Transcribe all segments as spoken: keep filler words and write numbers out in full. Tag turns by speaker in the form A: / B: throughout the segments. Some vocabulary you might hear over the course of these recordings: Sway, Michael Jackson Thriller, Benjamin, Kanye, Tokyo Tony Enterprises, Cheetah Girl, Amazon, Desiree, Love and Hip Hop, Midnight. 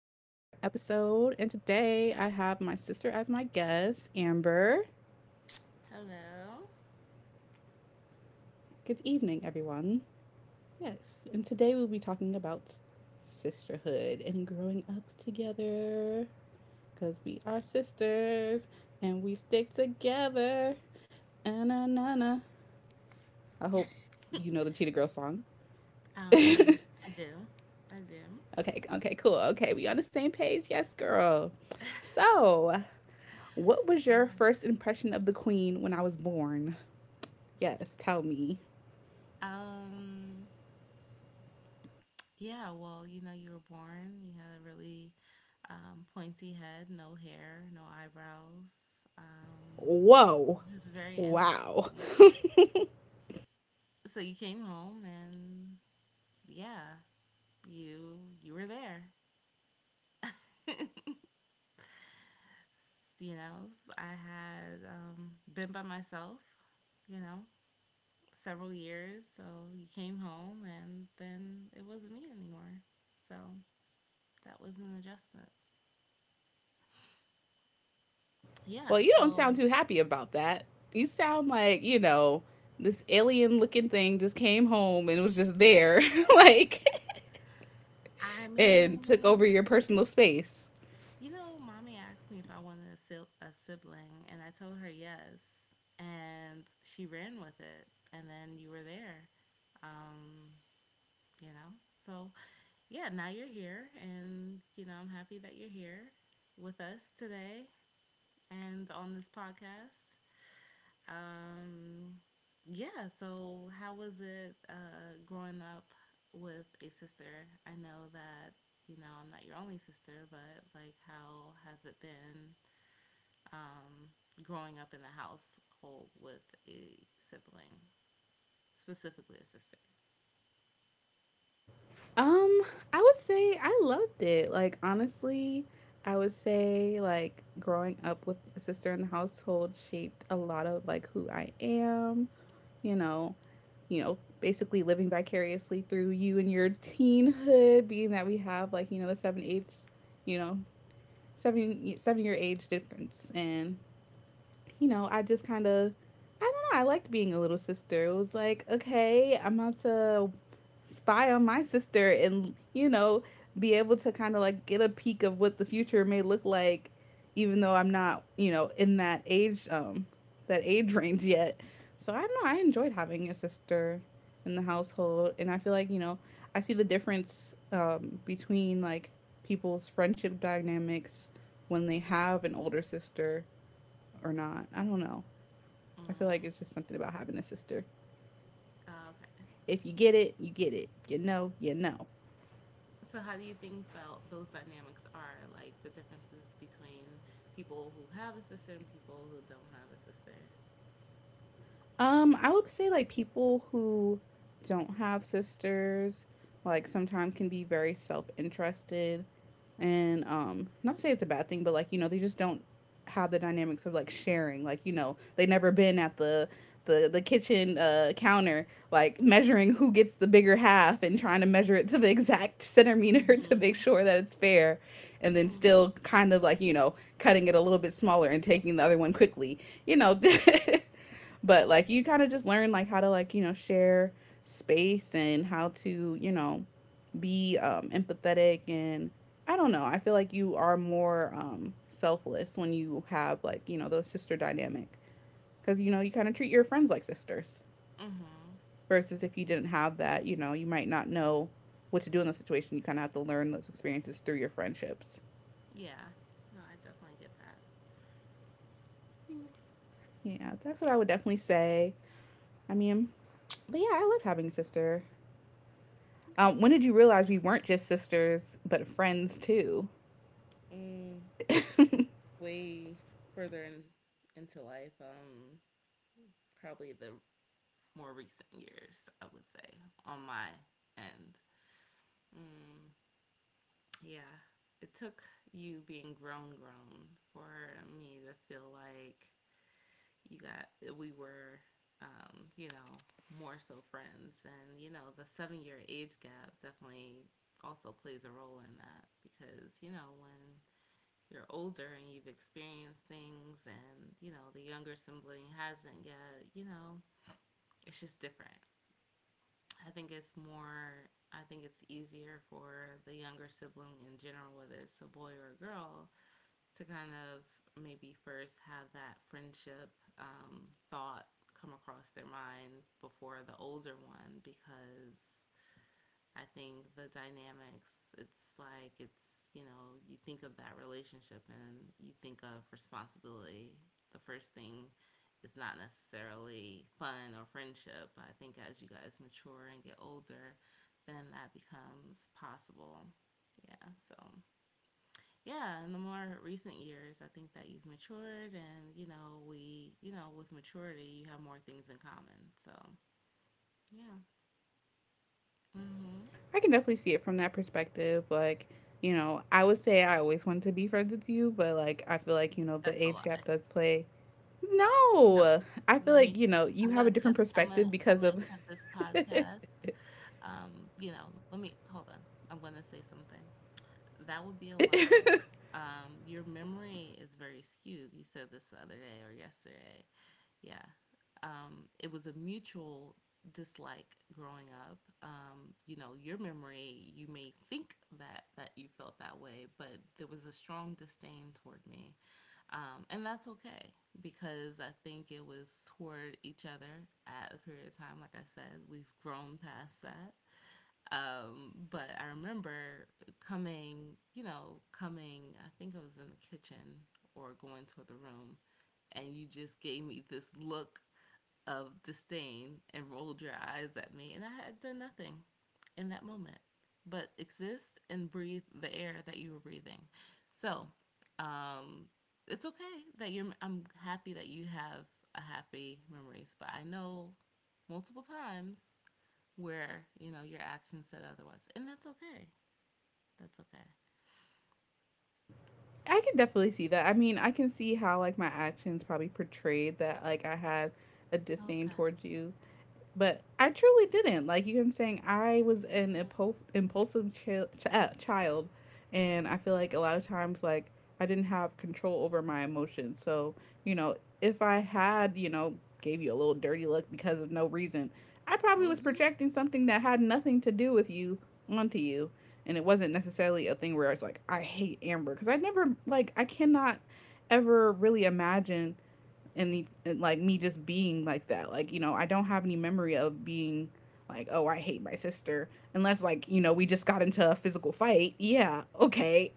A: episode. And today I have my sister as my guest, Amber.
B: Hello.
A: Good evening, everyone. Yes, and today we'll be talking about sisterhood and growing up together because we are sisters and we stick together. Na-na-na-na. I hope you know the Cheetah Girl song.
B: Um,
A: okay,
B: I do. I do.
A: okay, cool. Okay, we on the same page? Yes, girl. So, What was your
B: Yeah.
A: first impression of the queen when I was born? Yes, tell me.
B: Um, yeah, well, you know, you were born, you had a really um, pointy head, no hair, no eyebrows. Um,
A: Whoa.
B: just very
A: Wow.
B: interesting. So you came home and yeah, you you were there. S- you know, s- I had um, been by myself, you know. Several years. So he came home, and then it wasn't me anymore. So that was an adjustment. Yeah.
A: Well, you don't sound
B: So
A: too happy about that. You sound like, you know, this alien looking thing just came home and was just there, like,
B: I
A: and took over
B: mean,
A: your personal space.
B: you know, mommy asked me if I wanted a, sil- a sibling, and I told her yes, and she ran with it. And then you were there. Um, you know. So yeah, now you're here, and you know I'm happy that you're here with us today and on this podcast. Um, yeah, so how was it uh, growing up with a sister? I know that, you know, I'm not your only sister, but like, how has it been um, growing up in the household with a sibling, specifically a sister?
A: Um, I would say I loved it. Like, honestly, I would say, like, growing up with a sister in the household shaped a lot of, like, who I am, you know, you know, basically living vicariously through you and your teenhood, being that we have, like, you know, the seven age, you know, seven seven year age difference. And you know, I just kind of, I don't know, I liked being a little sister. It was like, okay, I'm about to spy on my sister and, you know, be able to kind of like get a peek of what the future may look like, even though I'm not, you know, in that age, um, that age range yet. So I don't know, I enjoyed having a sister in the household. And I feel like, you know, I see the difference um, between like people's friendship dynamics when they have an older sister or not. I don't know. I feel like
B: Mm,
A: it's just something about having a sister.
B: oh, okay.
A: If you get it, you get it. You know, you know.
B: So, how do you think about those dynamics are like the differences between people who have a sister and people who don't have a sister?
A: Um, I would say like people who don't have sisters, like sometimes can be very self interested, and um, not to say it's a bad thing, but like you know they just don't have the dynamics of like sharing. Like you know they never been at the the the kitchen uh, counter, like measuring who gets the bigger half and trying to measure it to the exact centimeter to make
B: Mm-hmm.
A: sure that it's fair and then still
B: Mm-hmm.
A: kind of like, you know, cutting it a little bit smaller and taking the other one quickly, you know. But like you kind of just learn like how to like, you know, share space and how to, you know, be um empathetic, and I don't know. I feel like you are more um selfless when you have like, you know, the sister dynamic cuz you know, you kind of treat your friends like sisters
B: Mm-hmm.
A: versus if you didn't have that, you know, you might not know what to do in those situations. You kind of have to learn those experiences through your friendships.
B: Yeah. No, I definitely get that. Mm,
A: Yeah, that's what I would definitely say. I mean, but yeah, I love having a sister. Um, when
B: okay,
A: did you realize we weren't just sisters, but friends too?
B: good. Mm, way further in, into life, um, probably the more recent years, I would say, on my end. Mm, yeah. It took you being grown, grown for me to feel like you got, we were, um, you know, more so friends. And, you know, the seven year age gap definitely also plays a role in that because, you know, when you're older and you've experienced things and you know the younger sibling hasn't yet, you know, it's just different. i think it's more I think it's easier for the younger sibling in general, whether it's a boy or a girl, to kind of maybe first have that friendship um, thought come across their mind before the older one because I think the dynamics, it's like, it's, you know, you think of that relationship and you think of responsibility. The first thing is not necessarily fun or friendship, but I think as you guys mature and get older, then that becomes possible. Yeah, so yeah, in the more recent years, I think that you've matured, and you know, we, you know, with maturity, you have more things in common. So yeah, mm-hmm.
A: I can definitely see it from that perspective. Like, you know, I would say I always wanted to be friends with you, but like, I feel like, you know, the
B: That's a
A: age gap
B: lie.
A: does play.
B: No,
A: No, I feel
B: let
A: like,
B: me.
A: you know, you
B: I'm
A: have a
B: gonna
A: different
B: cut. I'm
A: perspective
B: gonna.
A: because
B: I'm gonna
A: of.
B: cut this
A: I
B: podcast. Um, you know, let me hold on. I'm gonna say something. That would be a lot. Um, your memory is very skewed. You said this the other day or yesterday. Yeah. Um, it was a mutual dislike growing up. Um, you know, your memory. You may think that that you felt that way, but there was a strong disdain toward me. Um, and that's okay because I think it was toward each other at a period of time. Like I said, we've grown past that. Um, but I remember coming, you know, coming, I think I was in the kitchen or going to the room, and you just gave me this look of disdain and rolled your eyes at me, and I had done nothing in that moment but exist and breathe the air that you were breathing. So, um, it's okay that you're. I'm happy that you have a happy memories, but I know multiple times where you know your actions said otherwise, and that's okay. That's okay.
A: can definitely see that. I mean, I can see how like my actions probably portrayed that like I had a disdain
B: Okay.
A: towards you, but I truly didn't. Like, you know what I'm saying, I was an
B: Okay.
A: impulse, impulsive chi- ch- uh, child, and I feel like a lot of times like I didn't have control over my emotions. So you know, if I had, you know, gave you a little dirty look because of no reason, I probably was
B: Mhm.
A: projecting something that had nothing to do with you onto you. And it wasn't necessarily a thing where I was like, I hate Amber. Because I never, like, I cannot ever really imagine and, like me just being like that. Like, you know, I don't have any memory of being like, oh, I hate my sister. Unless like, you know, we just got into a physical fight. Yeah, okay,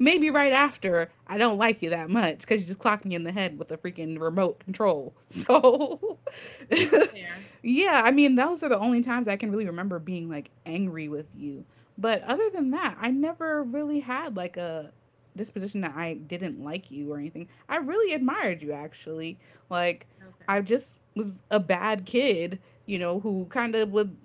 A: maybe right after, I don't like you that much because you just clocked me in the head with a freaking remote control. So,
B: Fair.
A: yeah, I mean, those are the only times I can really remember being like angry with you. But other than that, I never really had like a disposition that I didn't like you or anything. I really admired you actually. Like,
B: Okay.
A: I just was a bad kid, you know, who kind of would,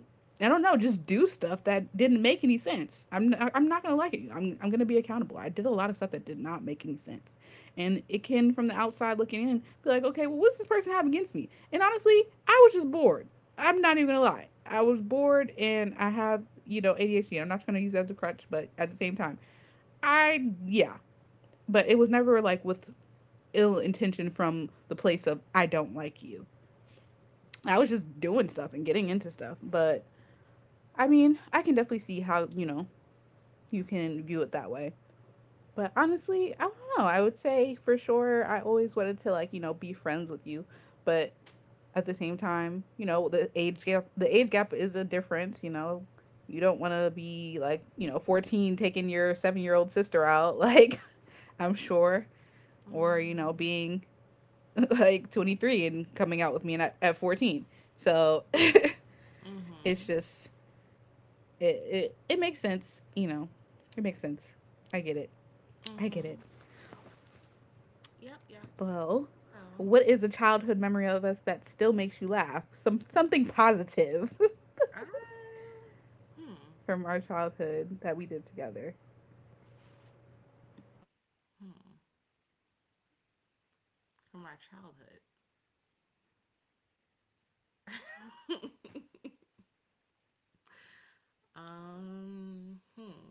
A: I don't know, just do stuff that didn't make any sense. I'm i I'm not gonna like it. I'm I'm gonna be accountable. I did a lot of stuff that did not make any sense, and it can from the outside looking in be like, okay, well, what's this person have against me? And honestly, I was just bored. I'm not even gonna lie. I was bored, and I have you know A D H D. I'm not gonna use that as a crutch, but at the same time, I yeah. But it was never like with ill intention from the place of I don't like you. I was just doing stuff and getting into stuff, but I mean, I can definitely see how, you know, you can view it that way. But honestly, I don't know. I would say for sure I always wanted to like, you know, be friends with you, but at the same time, you know, the age gap the age gap is a difference, you know. You don't want to be like, you know, fourteen taking your seven-year-old sister out like I'm sure, or, you know,
B: Mhm.
A: being like twenty-three and coming out with me at, at fourteen. So, it's
B: Mhm.
A: just it, it it makes sense, you know. It makes sense. I get it. I get it.
B: Mhm. Yep. Yep.
A: Well,
B: So.
A: what is a childhood memory of us that still makes you laugh? Some something positive
B: Um, hmm,
A: from our childhood that we did together.
B: hmm. From our childhood. Um, hmm.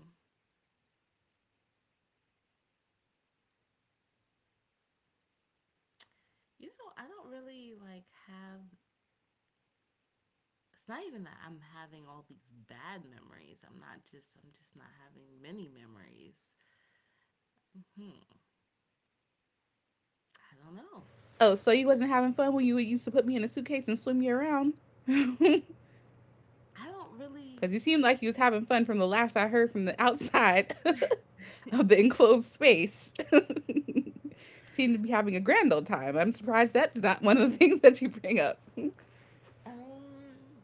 B: You know, I don't really like have. It's not even that I'm having all these bad memories. I'm not just. I'm just not having many memories. Hmm. I don't know.
A: Oh, so you wasn't having fun when you used to put me in a suitcase and swim you around? Because
B: I don't really.
A: you seemed like you was having fun from the laughs I heard from the outside of the enclosed space. Seemed to be having a grand old time. I'm surprised that's not one of the things that you bring up.
B: Um.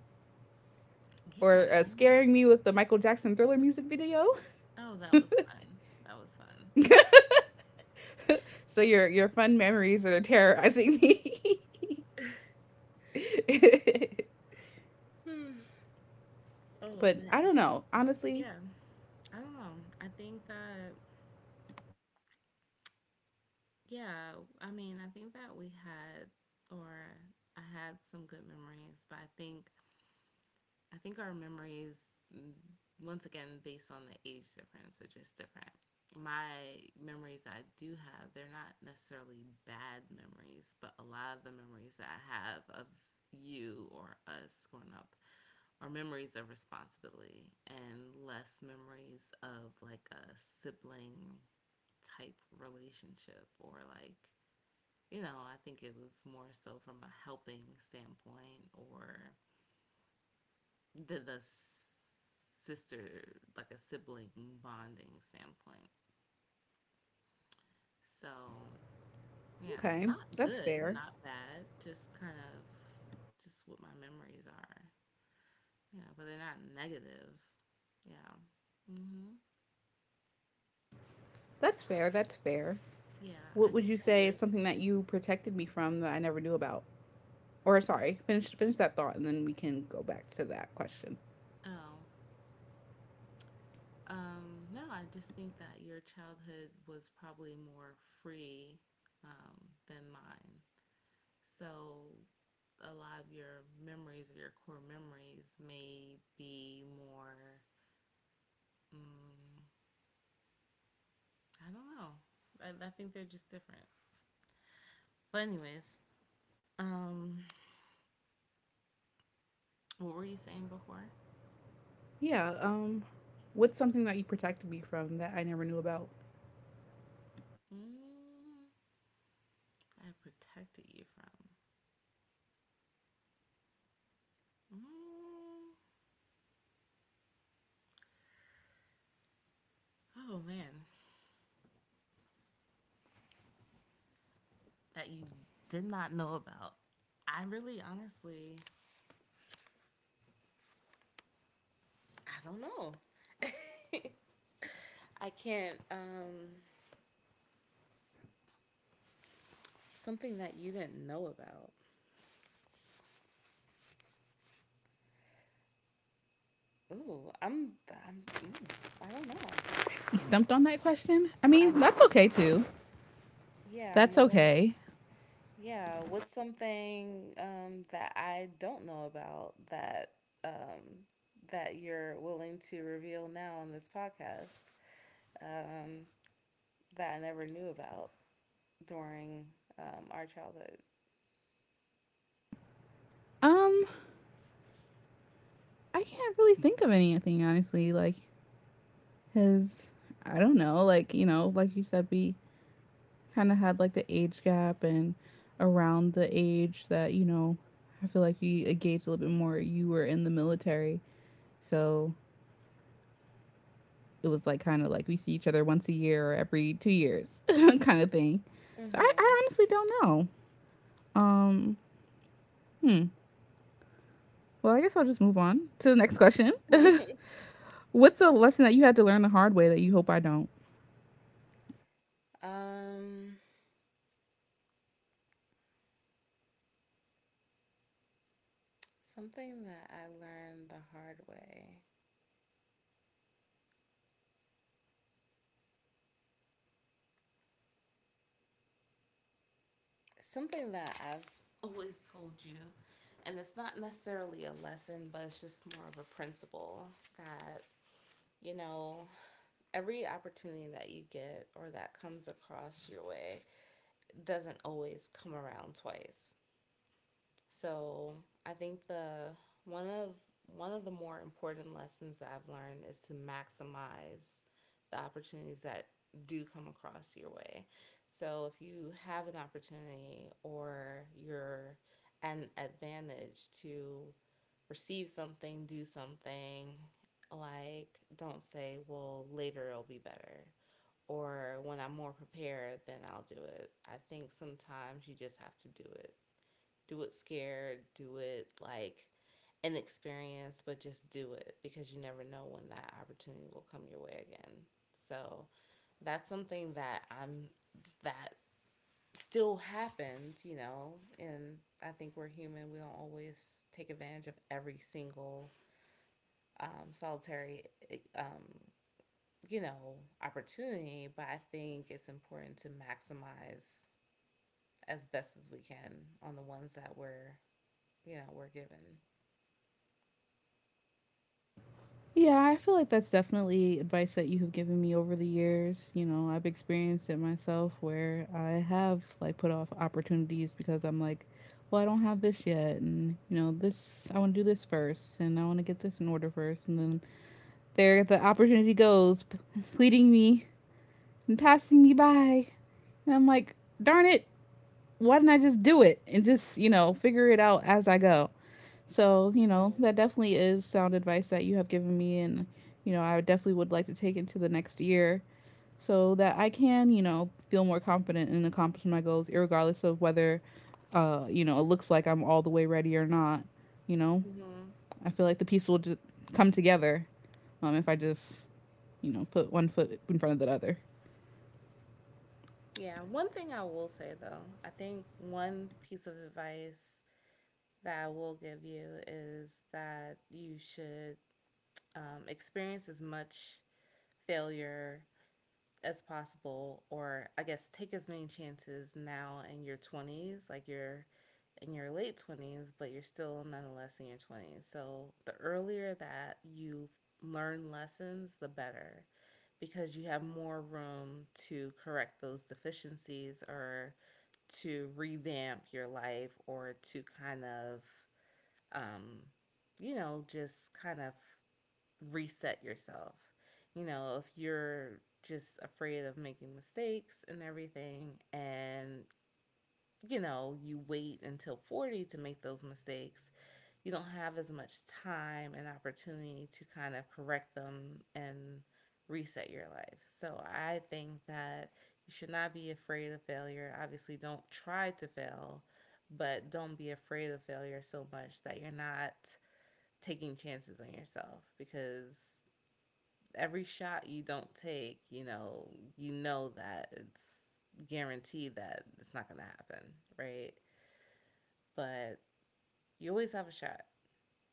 A: Or uh,
B: Yeah.
A: scaring me with the Michael Jackson Thriller music video.
B: Oh, that was fun. That was fun.
A: So your your fun memories are terrorizing me.
B: Oh
A: But
B: man.
A: I don't
B: Excuse
A: know.
B: me. But
A: Honestly,
B: yeah, I don't know. I think that Yeah, I mean, I think that we had or I had some good memories, but I think I think our memories, mm, once again based on the age difference, are just different. My memories that I do have, they're not necessarily bad memories, but a lot of the memories that I have of you or us growing up are memories of responsibility and less memories of like a sibling type relationship, or like, you know, I think it was more so from a helping standpoint or the, the sister, like a sibling bonding standpoint. So, yeah,
A: okay.
B: not
A: That's
B: good,
A: fair.
B: not bad, just kind of just what my memories are. Yeah, but they're not negative. Yeah. Hmm.
A: That's fair. That's fair.
B: Yeah, I
A: What would
B: think
A: you
B: that
A: say
B: your
A: is something that you protected me from that I never knew about? Or sorry, finish finish that thought and then we can go back to that question.
B: Oh, um, no, I just think that your childhood was probably more free, um, than mine. So a lot of your memories or your core memories may be more. Um, I don't know. I, I think they're just different. But anyways, um, what were you saying before?
A: Yeah, um, what's something that you protected me from that I never knew about?
B: Mm, I protected you from. Mm, oh man, that you did not know about. I really, honestly, I don't know. I can't. Um, something that you didn't know about. Ooh, I'm I'm mm, I don't know.
A: Stumped on that question? I mean,
B: I'm
A: that's okay too.
B: yeah, I'm
A: That's
B: a little
A: okay.
B: yeah, what's something um that I don't know about that um that you're willing to reveal now on this podcast um that I never knew about during um our childhood?
A: Um I can't really think of anything honestly. Like, because I don't know, like, you know, like you said, we kind of had like the age gap, and around the age that, you know, I feel like we engaged a little bit more. You were in the military. So it was like kind of like we see each other once a year or every two years kind of thing. So I,
B: Mhm.
A: I honestly don't know. Um, hmm. Well, I guess I'll just move on to the next question. What's a lesson that you had to learn the hard way that you hope I don't?
B: Um Something that I learned the hard way. Something that I've always told you, and it's not necessarily a lesson, but it's just more of a principle that, you know, every opportunity that you get or that comes across your way doesn't always come around twice. So I think the one of one of the more important lessons that I've learned is to maximize the opportunities that do come across your way. So if you have an opportunity or you're at an advantage to receive something, do something, like don't say, well, later it'll be better or when I'm more prepared, then I'll do it. I think sometimes you just have to do it do it scared, do it like inexperienced, but just do it because you never know when that opportunity will come your way again. So that's something that I'm that still happens, you know, and I think we're human. We don't always take advantage of every single um, solitary, um, you know, opportunity, but I think it's important to maximize as best as we can on the ones that we're, you know, we're given.
A: Yeah, I feel like that's definitely advice that you have given me over the years. You know, I've experienced it myself where I have like put off opportunities because I'm like, well, I don't have this yet. And, you know, this, I want to do this first and I want to get this in order first. And then there the opportunity goes, p- leading me and passing me by. And I'm like, darn it, why didn't I just do it and just, you know, figure it out as I go? So, you know,
B: Mm.
A: that definitely is sound advice that you have given me. And, you know, I definitely would like to take it to the next year so that I can, you know, feel more confident in accomplishing my goals, regardless of whether, uh, you know, it looks like I'm all the way ready or not. You know,
B: Hmm.
A: I feel like the piece will just come together, um, if I just, you know, put one foot in front of the other.
B: Yeah. One thing I will say though, I think one piece of advice that I will give you is that you should um, experience as much failure as possible, or I guess take as many chances now in your twenties, like your in your late twenties, but you're still nonetheless in your twenties. So the earlier that you learn lessons, the better because you have more room to correct those deficiencies or to revamp your life or to kind of, um, you know, just kind of reset yourself. You know, if you're just afraid of making mistakes and everything, and you know, you wait until forty to make those mistakes, you don't have as much time and opportunity to kind of correct them and reset your life. So I think that you should not be afraid of failure. Obviously, don't try to fail, but don't be afraid of failure so much that you're not taking chances on yourself because every shot you don't take, you know, you know that it's guaranteed that it's not going to happen, right? But you always have a shot.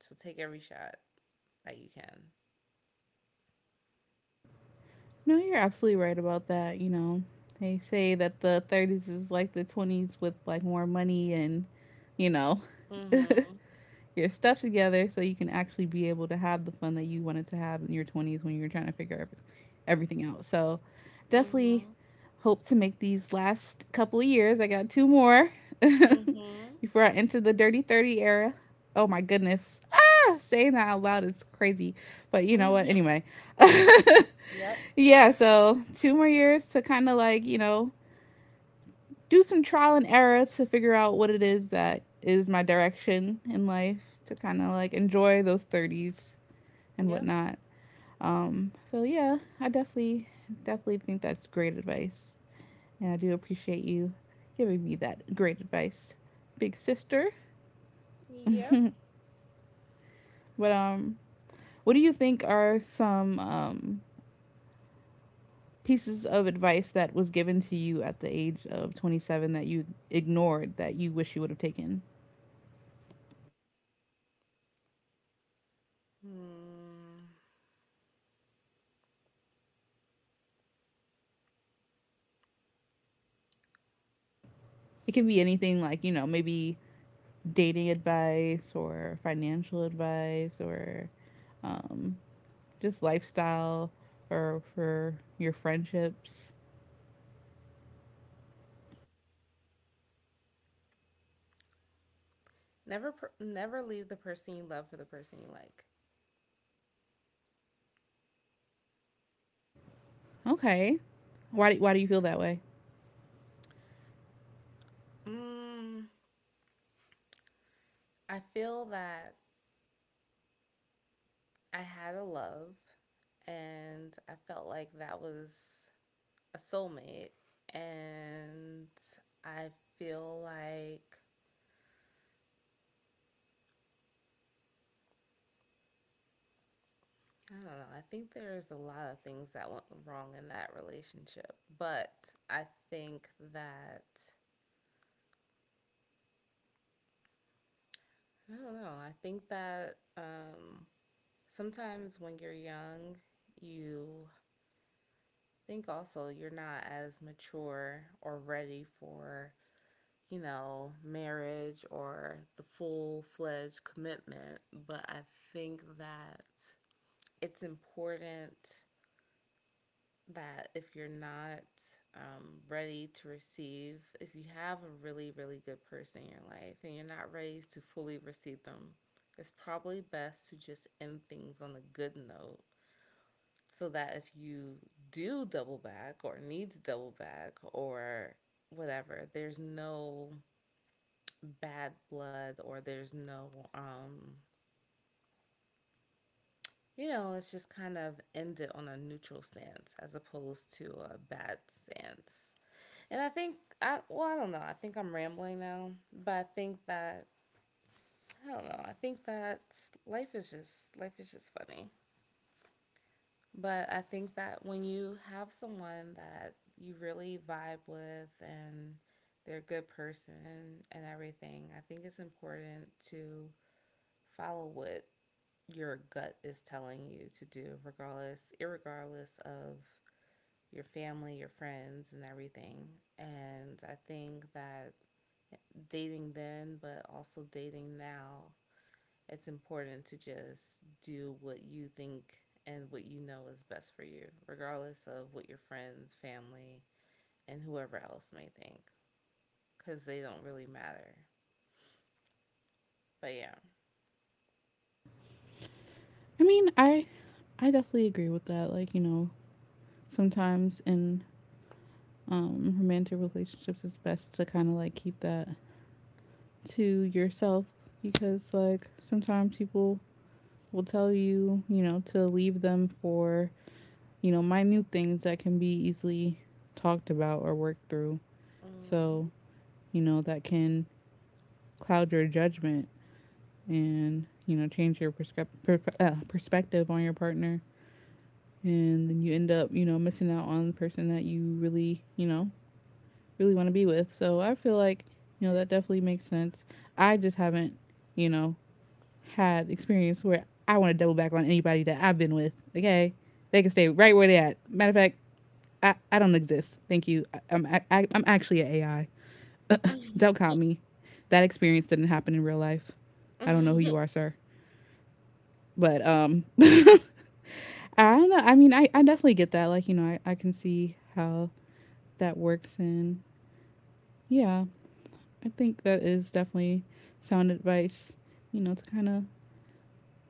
B: So take every shot that you can.
A: No, you're absolutely right about that. You know, they say that the thirties is like the twenties with like more money and, you know,
B: Mhm.
A: your stuff together so you can actually be able to have the fun that you wanted to have in your twenties when you were trying to figure every- everything out. So, definitely
B: Mhm.
A: hope to make these last couple of years. I got two more
B: Mhm.
A: before I enter the dirty thirty era. Oh my goodness. Ah, saying that out loud is crazy. But you know what?
B: Mhm.
A: Anyway.
B: Yep.
A: Yeah, so two more years to kind of like, you know, do some trial and error to figure out what it is that is my direction in life to kind of like enjoy those thirties and
B: Yep.
A: whatnot. Um, so yeah, I definitely, definitely think that's great advice. And I do appreciate you giving me that great advice, big sister.
B: Yep.
A: but, um, what do you think are some, um, pieces of advice that was given to you at the age of twenty seven that you ignored that you wish you would have taken?
B: Mm,
A: It can be anything like, you know, maybe dating advice or financial advice or um, just lifestyle or for your friendships.
B: never, per- never leave the person you love for the person you like.
A: Okay. Why do, why do you feel that way?
B: Mm, I feel that I had a love, and I felt like that was a soulmate, and I feel like I don't know. I think there's a lot of things that went wrong in that relationship, but I think that I don't know. I think that um, sometimes when you're young, you think also you're not as mature or ready for, you know, marriage or the full fledged commitment. But I think that it's important that if you're not um, ready to receive, if you have a really, really good person in your life and you're not ready to fully receive them, it's probably best to just end things on a good note so that if you do double back or need to double back or whatever, there's no bad blood or there's no, um, you know, it's just kind of end it on a neutral stance as opposed to a bad stance. And I think I well, I don't know. I think I'm rambling now, but I think that I don't know. I think that Life is just life is just funny. But I think that when you have someone that you really vibe with and they're a good person and everything, I think it's important to follow what your gut is telling you to do regardless irregardless of your family, your friends, and everything. And I think that dating then, but also dating now, it's important to just do what you think and what you know is best for you, regardless of what your friends, family, and whoever else may think, because they don't really matter. But yeah.
A: I mean, I I definitely agree with that. Like, you know, sometimes in um, romantic relationships, it's best to kind of like keep that to yourself, because like sometimes people will tell you, you know, to leave them for, you know, minute things that can be easily talked about or worked through.
B: Hmm.
A: So, you know, that can cloud your judgment and, you know, change your prescrip- per- uh, perspective on your partner. And then you end up, you know, missing out on the person that you really, you know, really want to be with. So I feel like, you know, that definitely makes sense. I just haven't, you know, had experience where I want to double back on anybody that I've been with. Okay, they can stay right where they at. Matter of fact, I, I don't exist. Thank you. I, I'm I, I'm actually an A I. Don't count me. That experience didn't happen in real life. I don't know who
B: Hmm.
A: you are, sir. But um, I don't know. I mean, I I definitely get that. Like, you know, I I can see how that works, and yeah, I think that is definitely sound advice. You know, to kind of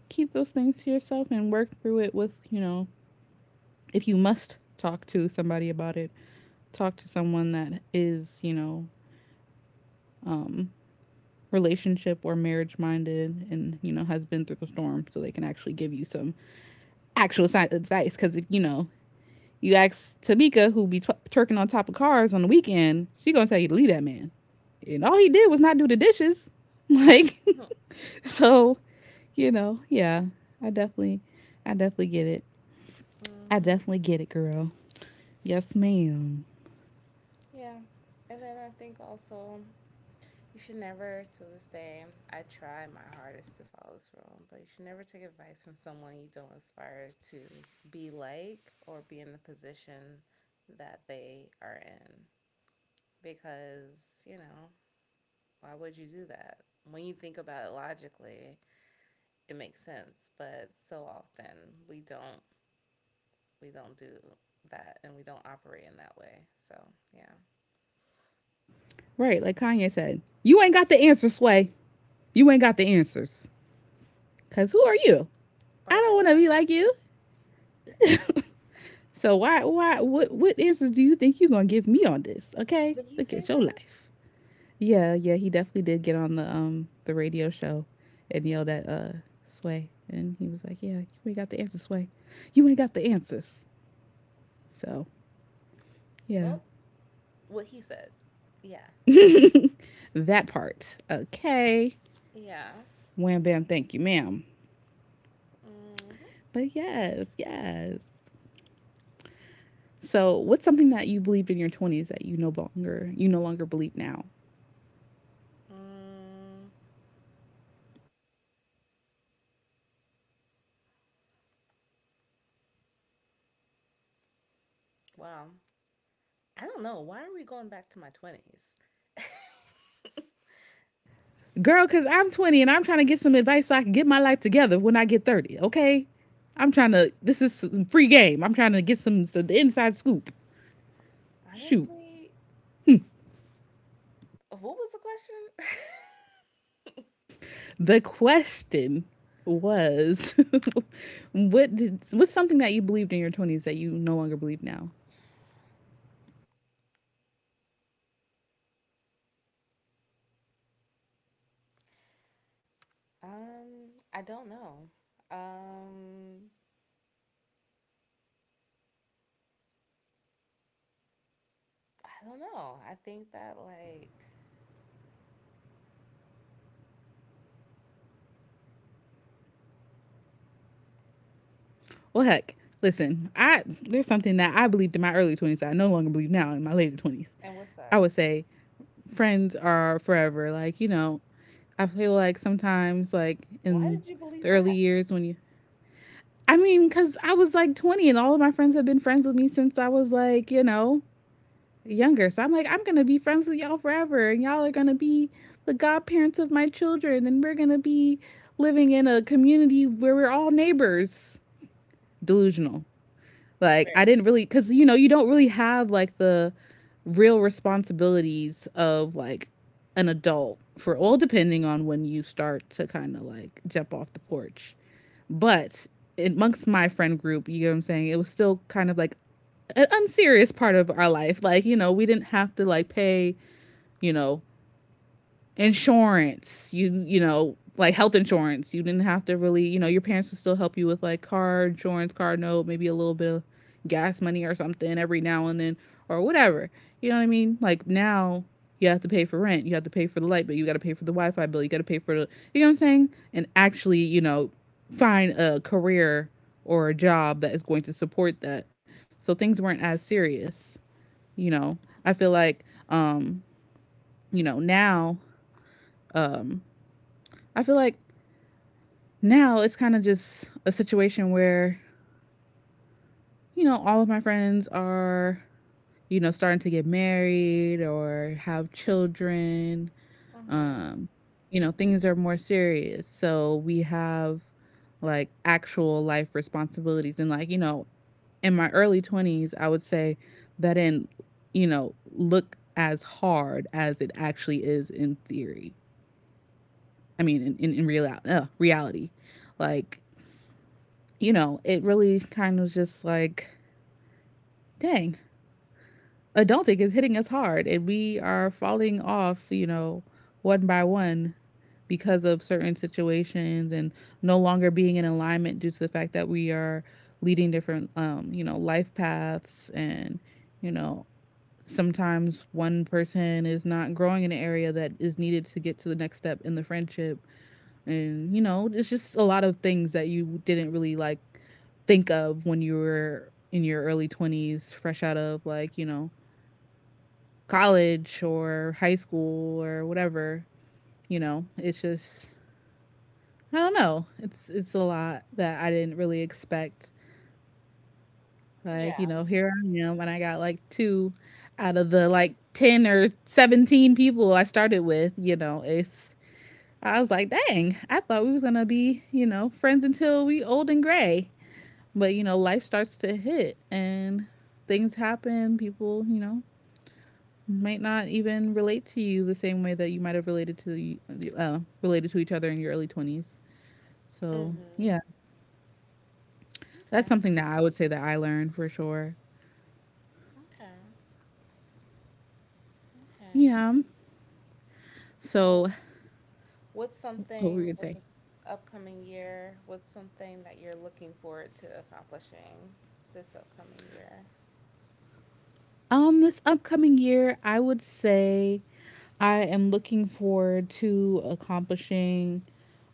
A: keep those things to yourself and work through it with, you know, if you must talk to somebody about it, talk to someone that is, you know, um, relationship or marriage minded and, you know, has been through the storm so they can actually give you some actual si- advice. Because, you know, you ask Tamika, who be tw- turking on top of cars on the weekend, she going to tell you to leave that man. And all he did was not do the dishes. Like, so, you know, yeah, I definitely, I definitely get it. I definitely get it, girl. Yes, ma'am.
B: Yeah. And then I think also, you should never, to this day, I try my hardest to follow this rule, but you should never take advice from someone you don't aspire to be like or be in the position that they are in. Because, you know, why would you do that? When you think about it logically, it makes sense, but so often we don't we don't do that and we don't operate in that way. So, yeah.
A: Right, like Kanye said, you ain't got the answers, Sway. You ain't got the answers. Cause who are you? I
B: Or
A: don't want to
B: that.
A: be like you. So why, why, what, what answers do you think you're gonna give me on this? Okay,
B: Did he
A: look
B: say
A: at your
B: that?
A: life. Yeah, yeah, he definitely did get on the um the radio show and yelled at uh Sway, and he was like, "Yeah, you ain't got the answers, Sway. You ain't got the answers." So yeah,
B: Well, what he said. Yeah.
A: that part. Okay,
B: Yeah.
A: wham bam, thank you, ma'am.
B: Mm,
A: But yes, yes. So, what's something that you believed in your twenties that you no longer you no longer believe now?
B: mm, wow. I don't know. Why are we going back to my twenties?
A: Girl, cuz I'm twenty and I'm trying to get some advice so I can get my life together when I get thirty, okay? I'm trying to This is some free game. I'm trying to get some, some the inside scoop. Shoot.
B: Honestly, what was the question?
A: The question was what did what's something that you believed in your twenties that you no longer believe now?
B: um, I don't know. Um, I don't know. I think that, like.
A: Well, heck, listen, I there's something that I believed in my early twenties that I no longer believe now in my later twenties.
B: And what's
A: I
B: that?
A: would say friends are forever. Like, you know, I feel like sometimes, like
B: Why
A: in
B: did you
A: the
B: believe
A: early
B: that?
A: years when you, I mean, because I was like twenty and all of my friends have been friends with me since I was like, you know, younger. So I'm like, I'm going to be friends with y'all forever. And y'all are going to be the godparents of my children. And we're going to be living in a community where we're all neighbors. Delusional. Like, I
B: Right.
A: didn't really, cuz you know, you don't really have like the real responsibilities of like an adult, for well, depending on when you start to kind of like jump off the porch. But amongst my friend group, you know what I'm saying? It was still kind of like an unserious part of our life. Like, you know, we didn't have to like pay, you know, insurance. You you know like health insurance. You didn't have to really, you know, your parents would still help you with like car insurance, car note, maybe a little bit of gas money or something every now and then or whatever. You know what I mean? Like now you have to pay for rent, you have to pay for the light bill, you got to pay for the Wi-Fi bill, you got to pay for the, you know what I'm saying? And actually, you know, find a career or a job that is going to support that. So things weren't as serious, you know. I feel like, um, you know, now, um I feel like now it's kind of just a situation where, you know, all of my friends are, you know, starting to get married or have children.
B: Mm-hmm.
A: Um, you know, things are more serious. So we have like actual life responsibilities. And like, you know, in my early twenties, I would say that didn't, you know, look as hard as it actually is in theory. I mean, in, in, in real, uh, reality. Like, you know, it really kind of just like, dang, adulting is hitting us hard and we are falling off, you know, one by one, because of certain situations and no longer being in alignment due to the fact that we are leading different, um, you know, life paths, and, you know, sometimes one person is not growing in an area that is needed to get to the next step in the friendship. And you know, it's just a lot of things that you didn't really like think of when you were in your early twenties, fresh out of like, you know, college or high school or whatever. You know, it's just, I don't know, it's it's a lot that I didn't really expect. Like,
B: Yeah.
A: you know, here I am and I got like two out of the like ten or seventeen people I started with. You know, it's I was like, dang, I thought we was gonna be, you know, friends until we old and gray. But you know, life starts to hit and things happen. People, you know, might not even relate to you the same way that you might have related to uh, related to each other in your early twenties. So
B: Mm-hmm.
A: yeah, that's
B: Okay.
A: something that I would say that I learned for sure.
B: Okay. Okay.
A: Yeah.
B: So,
A: So
B: what's
A: what were
B: something
A: we gonna
B: with
A: say?
B: this upcoming year? What's something that you're looking forward to accomplishing this upcoming year?
A: Um, this upcoming year, I would say I am looking forward to accomplishing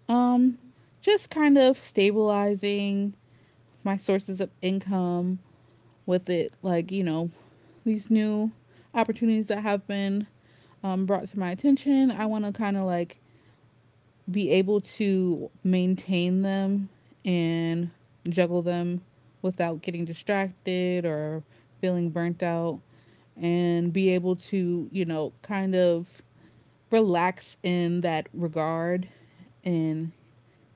A: um just kind of stabilizing my sources of income with it. Like, you know, these new opportunities that have been, um, brought to my attention, I want to kind of like be able to maintain them and juggle them without getting distracted or feeling burnt out, and be able to, you know, kind of relax in that regard and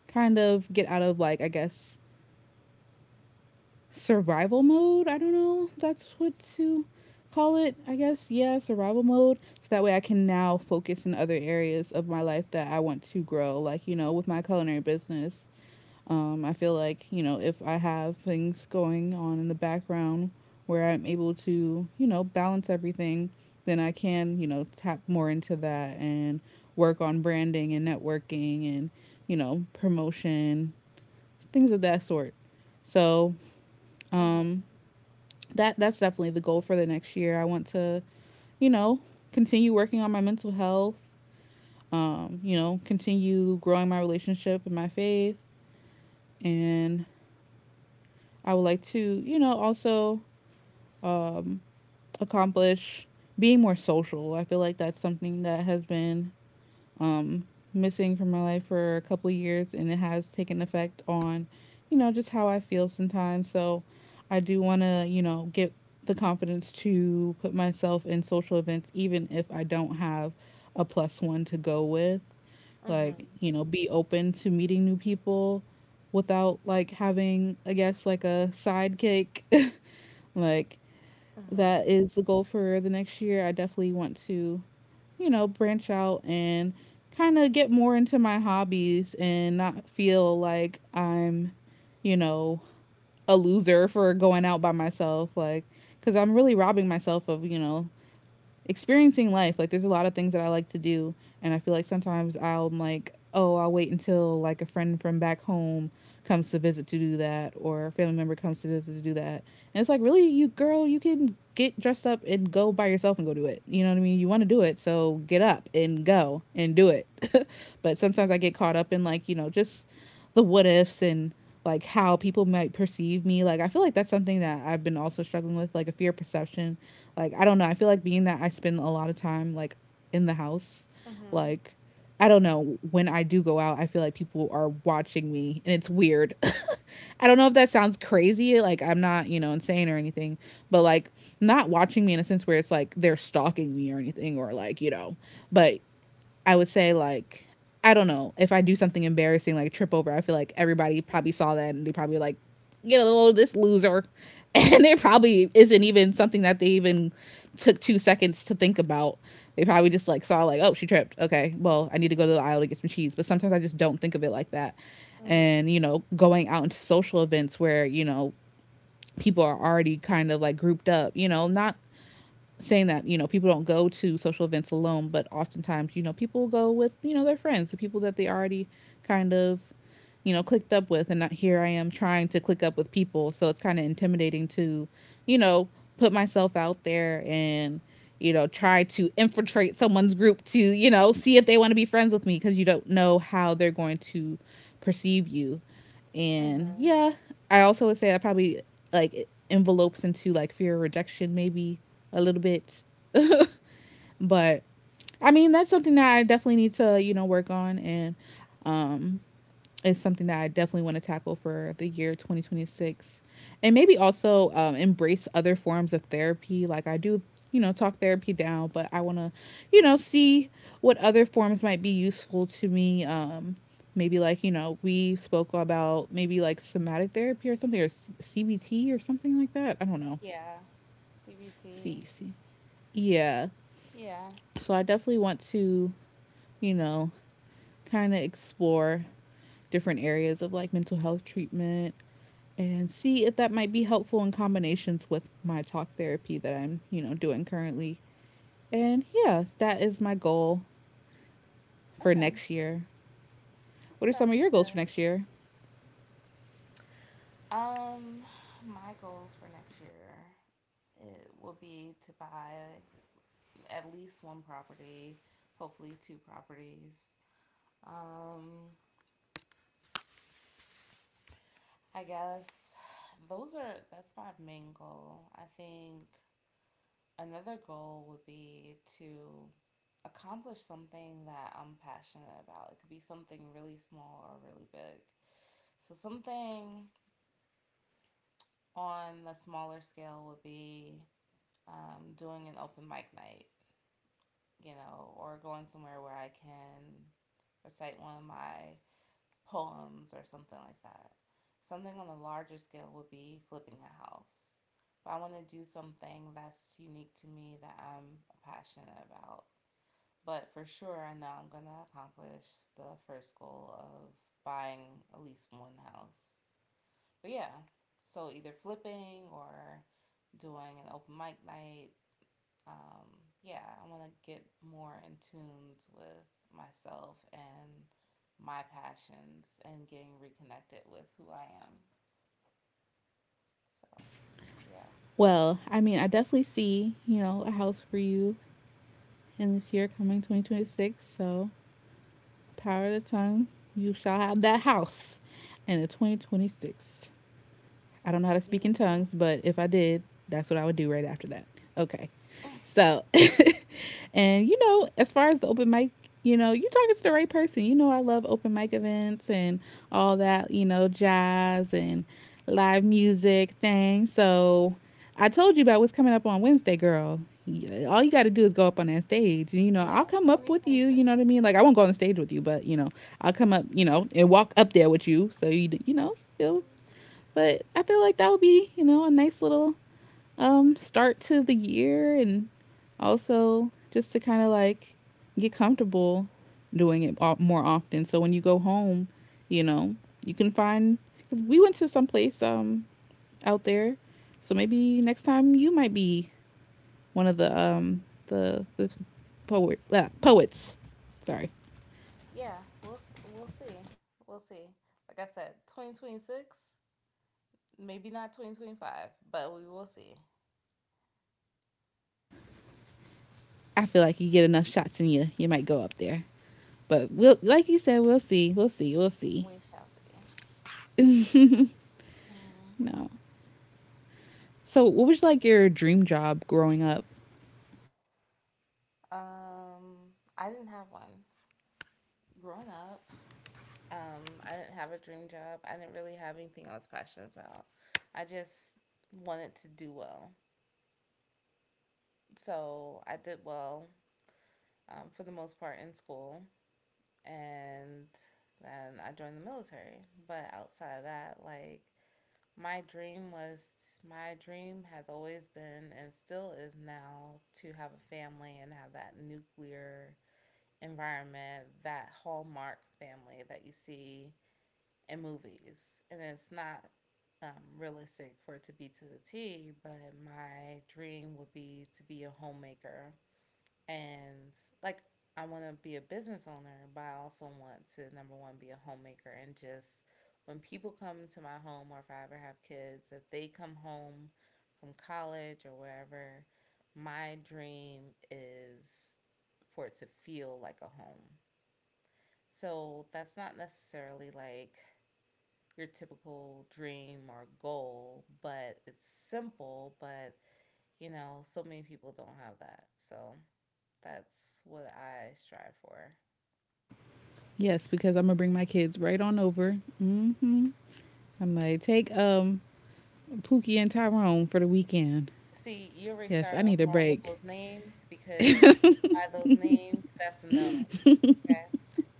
A: kind of get out of like, I guess, survival mode. I don't know. That's what to call it, I guess. Yeah, survival mode. So that way I can now focus in other areas of my life that I want to grow, like, you know, with my culinary business. Um, I feel like, you know, if I have things going on in the background where I'm able to, you know, balance everything, then I can, you know, tap more into that and work on branding and networking and, you know, promotion, things of that sort. So,
B: Mm-hmm.
A: um, that that's definitely the goal for the next year. I want to, you know, continue working on my mental health, um, you know, continue growing my relationship and my faith, and I would like to, you know, also um accomplish being more social. I feel like that's something that has been, um, missing from my life for a couple of years, and it has taken effect on, you know, just how I feel sometimes. So I do want to, you know, get the confidence to put myself in social events, even if I don't have a plus one to go with. Like,
B: Mm-hmm.
A: you know, be open to meeting new people without like having, I guess, like a sidekick. like,
B: Mm-hmm.
A: that is the goal for the next year. I definitely want to, you know, branch out and kind of get more into my hobbies and not feel like I'm, you know, a loser for going out by myself. Like, because I'm really robbing myself of, you know, experiencing life. Like there's a lot of things that I like to do, and I feel like sometimes I'll like, oh, I'll wait until like a friend from back home comes to visit to do that, or a family member comes to visit to do that. And it's like, really, you girl, you can get dressed up and go by yourself and go do it. You know what I mean? You want to do it, so get up and go and do it. But sometimes I get caught up in like, you know, just the what ifs and like how people might perceive me. Like I feel like that's something that I've been also struggling with, like a fear of perception. Like I don't know. I feel like being that I spend a lot of time like in the house,
B: Mm-hmm.
A: like I don't know, when I do go out, I feel like people are watching me and it's weird. I don't know if that sounds crazy, like I'm not, you know, insane or anything, but like not watching me in a sense where it's like they're stalking me or anything or like, you know, but I would say like I don't know, if I do something embarrassing like trip over. I feel like everybody probably saw that and they probably like, you know, this loser, and it probably isn't even something that they even took two seconds to think about. They probably just like saw like, oh, she tripped. Okay, well I need to go to the aisle to get some cheese. But sometimes I just don't think of it like that.
B: Mm-hmm.
A: And you know, going out into social events where, you know, people are already kind of like grouped up. You know, not saying that, you know, people don't go to social events alone, but oftentimes, you know, people go with, you know, their friends, the people that they already kind of, you know, clicked up with, and not here I am trying to click up with people, so it's kind of intimidating to, you know, put myself out there and, you know, try to infiltrate someone's group to, you know, see if they want to be friends with me because you don't know how they're going to perceive you. And
B: Mm-hmm.
A: yeah, I also would say that probably like envelopes into like fear of rejection maybe a little bit. But I mean, that's something that I definitely need to, you know, work on. And um, it's something that I definitely want to tackle for the year twenty twenty-six. And maybe also um, embrace other forms of therapy. Like I do, you know, talk therapy down, but I want to, you know, see what other forms might be useful to me. Um, maybe like, you know, we spoke about maybe like somatic therapy or something, or C B T or something like that. I don't know.
B: Yeah. C B T.
A: C, C. Yeah.
B: Yeah.
A: So I definitely want to, you know, kind of explore different areas of like mental health treatment and see if that might be helpful in combinations with my talk therapy that I'm, you know, doing currently. And yeah, that is my goal for
B: Okay.
A: next year. What are
B: Sounds
A: some of
B: like
A: your goals
B: a
A: for next year?
B: um my goals for next year, it will be to buy at least one property, hopefully two properties. Um I guess those are that's my main goal. I think another goal would be to accomplish something that I'm passionate about. It could be something really small or really big. So, something on the smaller scale would be um, doing an open mic night, you know, or going somewhere where I can recite one of my poems or something like that. Something on a larger scale would be flipping a house. But I want to do something that's unique to me that I'm passionate about. But for sure, I know I'm going to accomplish the first goal of buying at least one house. But yeah, so either flipping or doing an open mic night um, yeah, I want to get more in tune with myself and my passions and getting reconnected with who I am. So, yeah.
A: Well, I mean, I definitely see, you know, a house for you in this year coming twenty twenty-six. So, power of the tongue, you shall have that house in the twenty twenty-six. I don't know how to speak in
B: Mm-hmm.
A: tongues, but if I did, that's what I would do right after that. Okay. So, and you know, as far as the open mic, you know, you're talking to the right person. You know, I love open mic events and all that, you know, jazz and live music thing. So, I told you about what's coming up on Wednesday, girl. All you got to do is go up on that stage. And, you know,
B: Yeah,
A: I'll come up with you.
B: twenty twenty-six.
A: You know what I mean? Like, I won't go on the stage with you, but, you know, I'll come up, you know, and walk up there with you. So, you, you know, you'll, but I feel like that would be, you know, a nice little um, start to the year, and also just to kind of like get comfortable doing it more often. So when you go home, you know, you can find, because we went to some place um, out there. So maybe next time you might be one of the um, the, the poet, uh, poets. Sorry.
B: Yeah, we'll s- we'll see. We'll see. Like I said, twenty twenty-six, maybe not twenty twenty-five, but we will see.
A: I feel like you get enough shots in you, you might go up there. But we'll, like you said, we'll see, we'll see, we'll see.
B: We shall see. Hmm.
A: No. So, what was like your dream job growing up?
B: Um, I didn't have one growing up. Um, I didn't have a dream job. I didn't really have anything I was passionate about. I just wanted to do well. So I did well um, for the most part in school. And then I joined the military. But outside of that, like, my dream was my dream has always been and still is now to have a family and have that nuclear environment, that hallmark family that you see in movies, and it's not um, realistic for it to be to the T. But my dream would be to be a homemaker, and like, I want to be a business owner, but I also want to number one be a homemaker. And just, when people come to my home, or if I ever have kids, if they come home from college or wherever, my dream is for it to feel like a home. So that's not necessarily like your typical dream or goal, but it's simple, but you know, so many people don't have that. So that's what I strive for.
A: Yes, because I'm gonna bring my kids right on over. Mm-hmm. I'm like, take um Pookie and Tyrone for the weekend.
B: See, you already
A: Yes,
B: started
A: I
B: off
A: need a
B: wrong with
A: break.
B: those names, because by those names, that's a no, okay?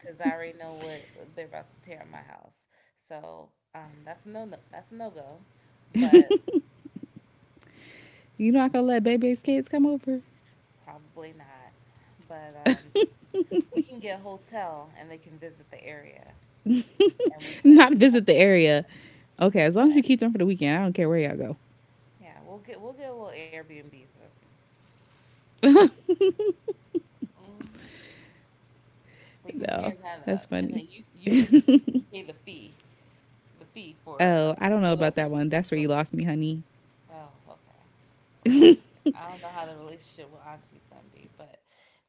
B: Because I already know what they're about to tear in my house. So um, that's a no, no, that's a no go, but
A: You're not gonna let Bebe's kids come over,
B: probably not. But um, we can get a hotel and they can visit the area, and we can.
A: not visit the area. Okay, as long as you keep them for the weekend, I don't care where y'all go.
B: Yeah, we'll get we'll get a little Airbnb for them. Hmm. They can tear
A: No,
B: that
A: that's
B: up, and
A: funny.
B: then you you can you can pay the fee the fee for uh,
A: Oh, I don't know
B: whatever
A: about
B: they
A: that one. That's where
B: destroy.
A: you
B: It.
A: lost me, honey.
B: Oh, okay. Well, I don't know how the relationship with Auntie's gonna be, but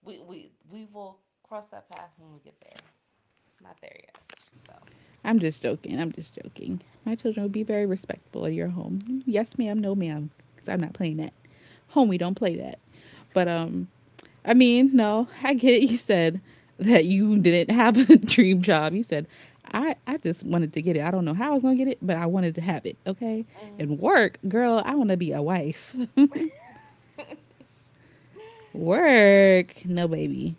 B: we we we will cross that path when we get there. Not there yet.
A: I'm just joking. I'm just joking. My children will be very respectful in your home. Yes, ma'am. No, ma'am. Because I'm not playing that. Home, we don't play that. But um, I mean, no, I get it. You said that you didn't have a dream job. You said, I, I just wanted to get it. I don't know how I was gonna get it, but I wanted to have it. Okay.
B: So.
A: And work, girl, I wanna be a wife.
B: Hmm.
A: Work, no baby.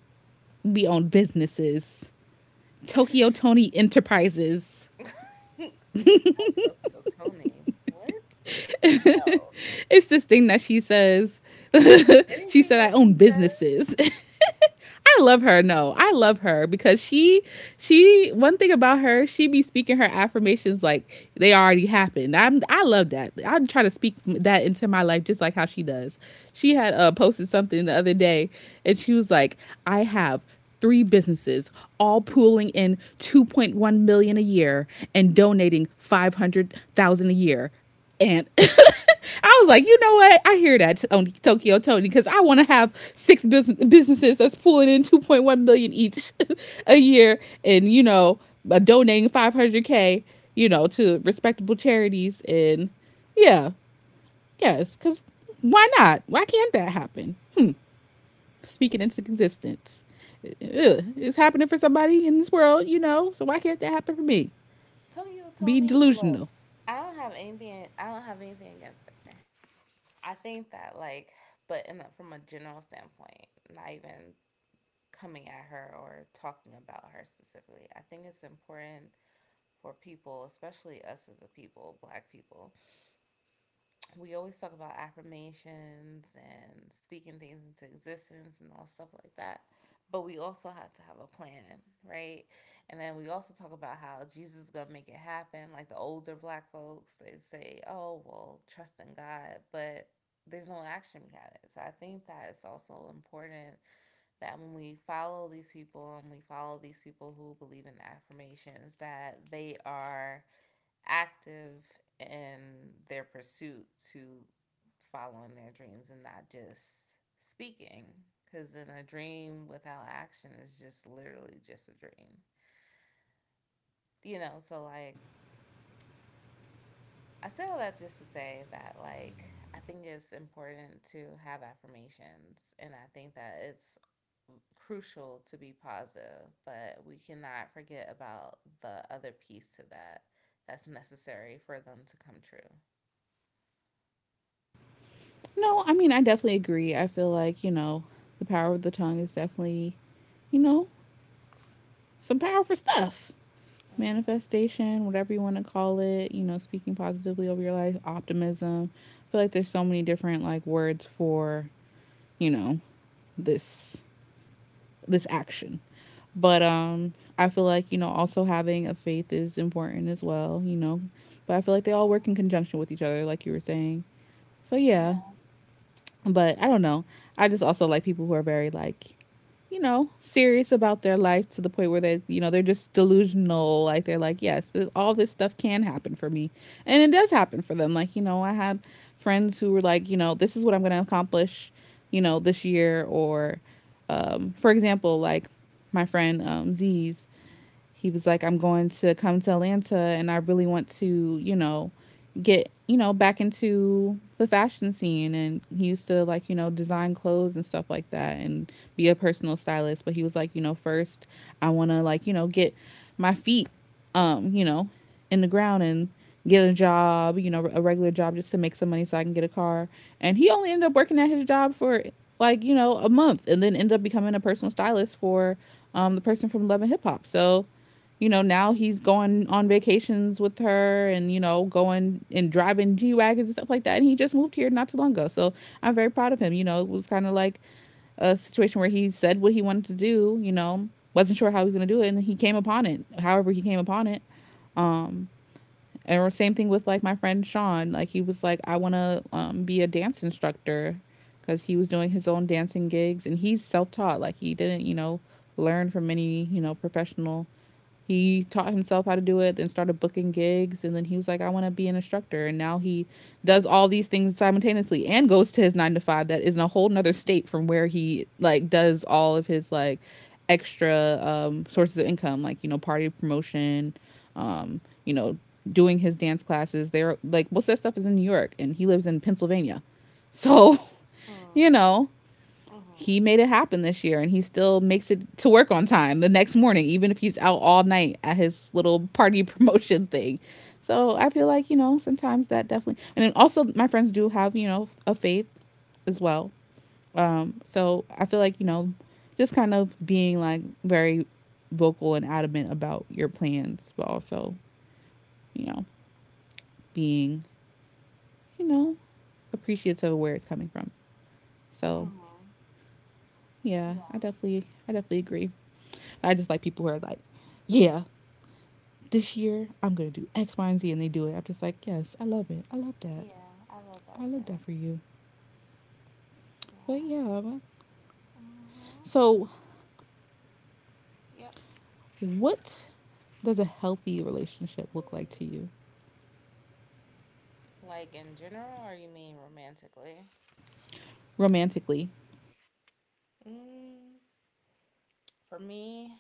A: We own businesses. Tokyo Tony Enterprises.
B: Tokyo Tony. What? No.
A: It's this thing that she says. She
B: Anything
A: said I
B: that
A: own
B: she says.
A: businesses. I love her. No, I love her because she she one thing about her, she be speaking her affirmations like they already happened. I'm I love that. I try to speak that into my life just like how she does. She had uh, posted something the other day and she was like, "I have three businesses all pooling in two point one million a year and donating five hundred thousand a year." And I was like, you know what? I hear that on Tokyo Tony, because I want to have six bus- businesses that's pulling in two point one million each a year and, you know, uh, donating five hundred k, you know, to respectable charities. And yeah, yes, because why not? Why can't that happen? Hmm. Speaking into existence. Ugh, it's happening for somebody in this world, you know, so why can't that happen for me?
B: Tell you,
A: Be
B: Tony,
A: delusional.
B: look, I don't have anything. I don't have anything against her. I think that, like, but in a, from a general standpoint, not even coming at her or talking about her specifically. I think it's important for people, especially us as a people, Black people, we always talk about affirmations and speaking things into existence and all stuff like that. But we also have to have a plan, right? And then we also talk about how Jesus is gonna make it happen. Like the older Black folks, they say, "Oh, well, trust in God," but there's no action behind it. So I think that it's also important that when we follow these people and we follow these people who believe in affirmations, that they are active in their pursuit to following their dreams and not just speaking. Because then a dream without action is just literally just a dream. You know, so, like, I say all that just to say that, like, I think it's important to have affirmations. And I think that it's crucial to be positive, but we cannot forget about the other piece to that that's necessary for them to come true.
A: No, I mean, I definitely agree. I feel like, you know, the power of the tongue is definitely, you know, some powerful stuff.
B: Mm.
A: Manifestation, whatever you want to call it, you know, speaking positively over your life, optimism. I feel like there's so many different like words for, you know, this this action. But um I feel like, you know, also having a faith is important as well, you know. But I feel like they all work in conjunction with each other like you were saying. So yeah, but I don't know. I just also like people who are very like, you know, serious about their life to the point where they, you know, they're just delusional. Like they're like, yes, this, all this stuff can happen for me, and it does happen for them. Like you know, I had friends who were like, you know, this is what I'm going to accomplish, you know, this year. Or, um, for example, like my friend um, Z's, he was like, I'm going to come to Atlanta and I really want to, you know, get, you know, back into the fashion scene. And he used to like, you know, design clothes and stuff like that and be a personal stylist. But he was like, you know, first I want to like, you know, get my feet, um, you know, in the ground and get a job, you know, a regular job just to make some money so I can get a car. And he only ended up working at his job for like, you know, a month and then ended up becoming a personal stylist for um, the person from Love and Hip Hop. So, you know, now he's going on vacations with her and, you know, going and driving G Wagons and stuff like that. And he just moved here not too long ago. So I'm very proud of him. You know, it was kind of like a situation where he said what he wanted to do, you know, wasn't sure how he was going to do it. And then he came upon it, however, he came upon it. Um, and the same thing with like my friend Sean. Like he was like, I want to um, be a dance instructor because he was doing his own dancing gigs and he's self taught. Like he didn't, you know, learn from any, you know, professional instructors. He taught himself how to do it, then started booking gigs, and then he was like, "I want to be an instructor." And now he does all these things simultaneously, and goes to his nine to five that is in a whole nother state from where he like does all of his like extra um, sources of income, like you know, party promotion, um, you know, doing his dance classes. They're like most of that stuff is in New York, and he lives in Pennsylvania, so you
B: Mm.
A: know, he
B: Mhm.
A: made it happen this year, and he still makes it to work on time the next morning, even if he's out all night at his little party promotion thing. So I feel like, you know, sometimes that definitely, and then also my friends do have, you know, a faith as well. Um, so I feel like, you know, just kind of being like very vocal and adamant about your plans, but also, you know, being, you know, appreciative of where it's coming from. So,
B: Mhm.
A: yeah,
B: Yeah.
A: I definitely, I definitely agree. I just like people who are like, yeah, this year I'm gonna do X Y and Z, and they do it. I'm just like, yes, I love it. I love that.
B: Yeah. I love
A: I
B: that
A: love that
B: too.
A: for you. But
B: Yeah.
A: yeah,
B: Mhm.
A: so
B: Yep.
A: what does a healthy relationship look like to you,
B: Like, in general, or you mean romantically?
A: romantically?
B: Mm, for me,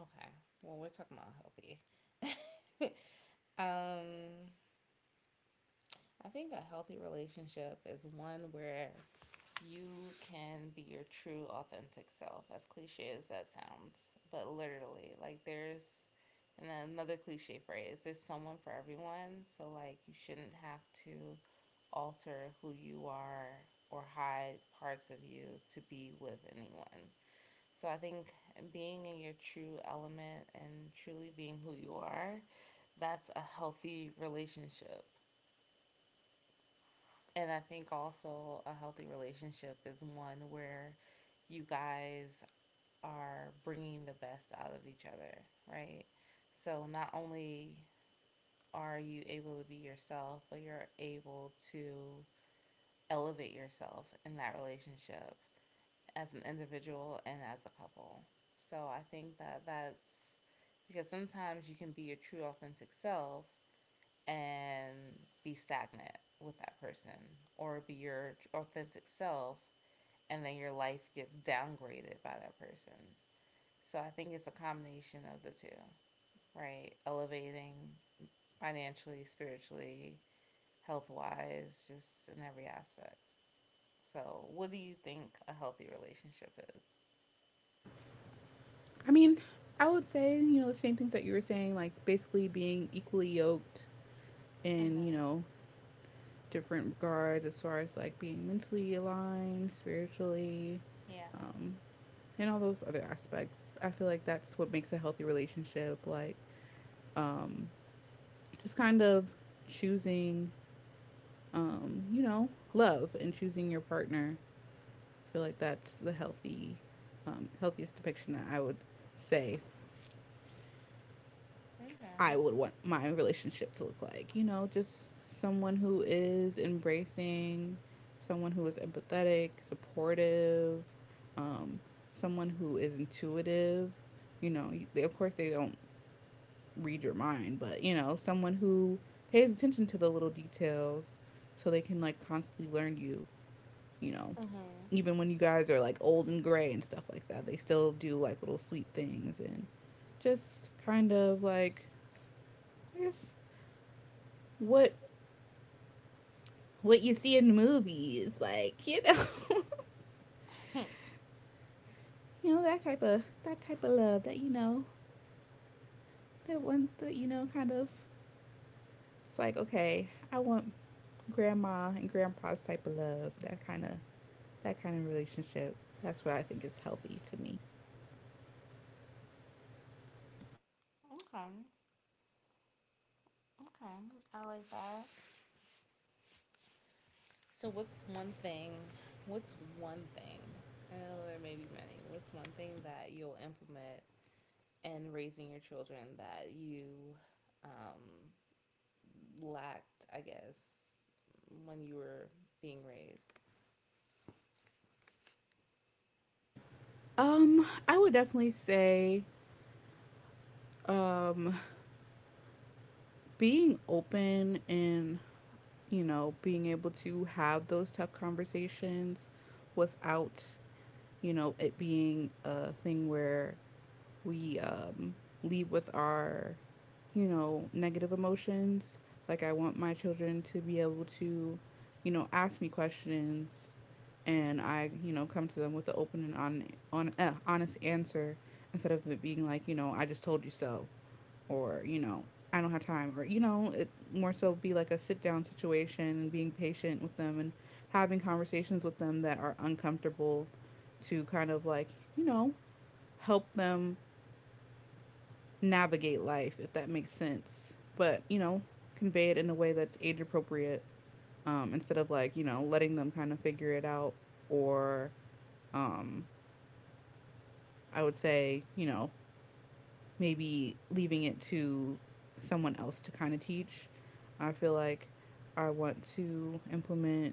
B: okay. Well, we're talking about healthy. Um, I think a healthy relationship is one where you can be your true authentic self, as cliche as that sounds, but literally, like, there's and another cliche phrase, there's someone for everyone. So, like, you shouldn't have to alter who you are or hide parts of you to be with anyone. So I think being in your true element and truly being who you are, that's a healthy relationship. And I think also a healthy relationship is one where you guys are bringing the best out of each other, right? So not only are you able to be yourself, but you're able to elevate yourself in that relationship as an individual and as a couple. So I think that that's, because sometimes you can be your true authentic self and be stagnant with that person, or be your authentic self and then your life gets downgraded by that person. So I think it's a combination of the two, right? Elevating financially, spiritually, health wise, just in every aspect. So, what do you think a healthy relationship is?
A: I mean, I would say, you know, the same things that you were saying, like basically being equally yoked in, you know, different regards as far as like being mentally aligned, spiritually,
B: Yeah.
A: um, and all those other aspects. I feel like that's what makes a healthy relationship. Like, um, just kind of choosing, um, you know, love and choosing your partner. I feel like that's the healthy, um, healthiest depiction that I would say
B: Okay.
A: I would want my relationship to look like. You know, just someone who is embracing, someone who is empathetic, supportive, um, someone who is intuitive. You know, they, of course, they don't read your mind, but you know, someone who pays attention to the little details so they can like constantly learn you, you know.
B: Mm-hmm.
A: Even when you guys are like old and gray and stuff like that, they still do like little sweet things and just kind of like, I guess, what what you see in movies, like, you know. you know, that type of that type of love, that you know, that one that you know, kind of, it's like, okay, I want grandma and grandpa's type of love, that kind of that kind of relationship. That's what I think is healthy to me.
B: Okay. Okay. I like that. So, what's one thing? What's one thing? I know there may be many. What's one thing that you'll implement in raising your children that you um, lacked, I guess, when you were being raised?
A: Um, I would definitely say um being open and, you know, being able to have those tough conversations without, you know, it being a thing where we um, leave with our, you know, negative emotions. Like, I want my children to be able to, you know, ask me questions and I, you know, come to them with an open and on, on, uh, honest answer, instead of it being like, you know, I just told you so, or, you know, I don't have time, or, you know, it more so be like a sit down situation and being patient with them and having conversations with them that are uncomfortable to kind of like, you know, help them navigate life, if that makes sense. But, you know, convey it in a way that's age appropriate, um, instead of like, you know, letting them kind of figure it out. Or um, I would say, you know, maybe leaving it to someone else to kind of teach. I feel like I want to implement,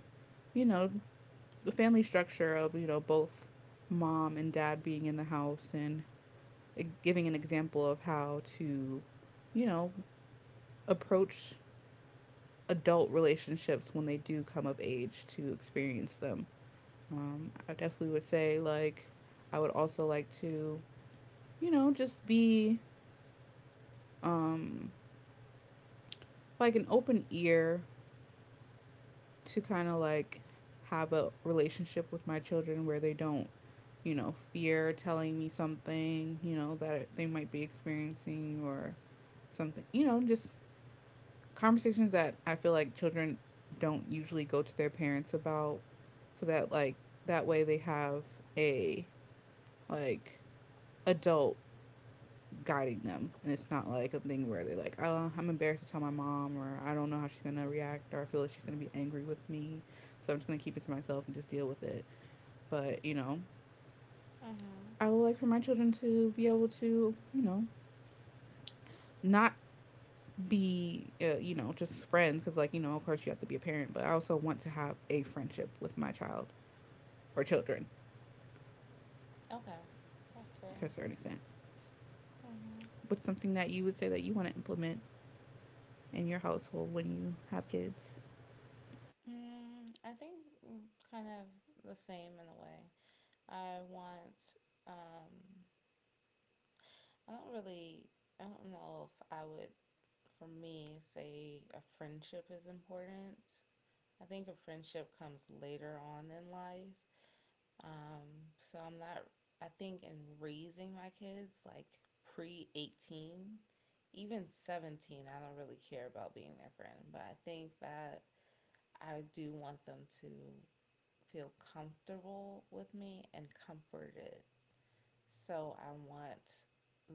A: you know, the family structure of, you know, both mom and dad being in the house and, eh, giving an example of how to, you know, approach adult relationships when they do come of age to experience them. Um, I definitely would say, like, I would also like to, you know, just be um, like an open ear to kind of like have a relationship with my children where they don't, you know, fear telling me something, you know, that they might be experiencing, or something, you know, just conversations that I feel like children don't usually go to their parents about, so that like that way they have a like adult guiding them, and it's not like a thing where they're like, "Oh, I'm embarrassed to tell my mom, or I don't know how she's gonna react, or I feel like she's gonna be angry with me, so I'm just gonna keep it to myself and just deal with it." But you know
B: Mm-hmm.
A: I would like for my children to be able to, you know not be, uh, you know just friends, because like, you know of course you have to be a parent, but I also want to have a friendship with my child or children,
B: Okay, that's
A: to
B: fair.
A: a certain extent.
B: Mm-hmm.
A: What's something that you would say that you want to implement in your household when you have kids?
B: Mm, I think mm, kind of the same in a way. I want. Um, I don't really. I don't know if I would, for me, say a friendship is important. I think a friendship comes later on in life. Um, so I'm not, I think in raising my kids, like pre eighteen, even seventeen, I don't really care about being their friend, but I think that I do want them to feel comfortable with me and comforted. So I want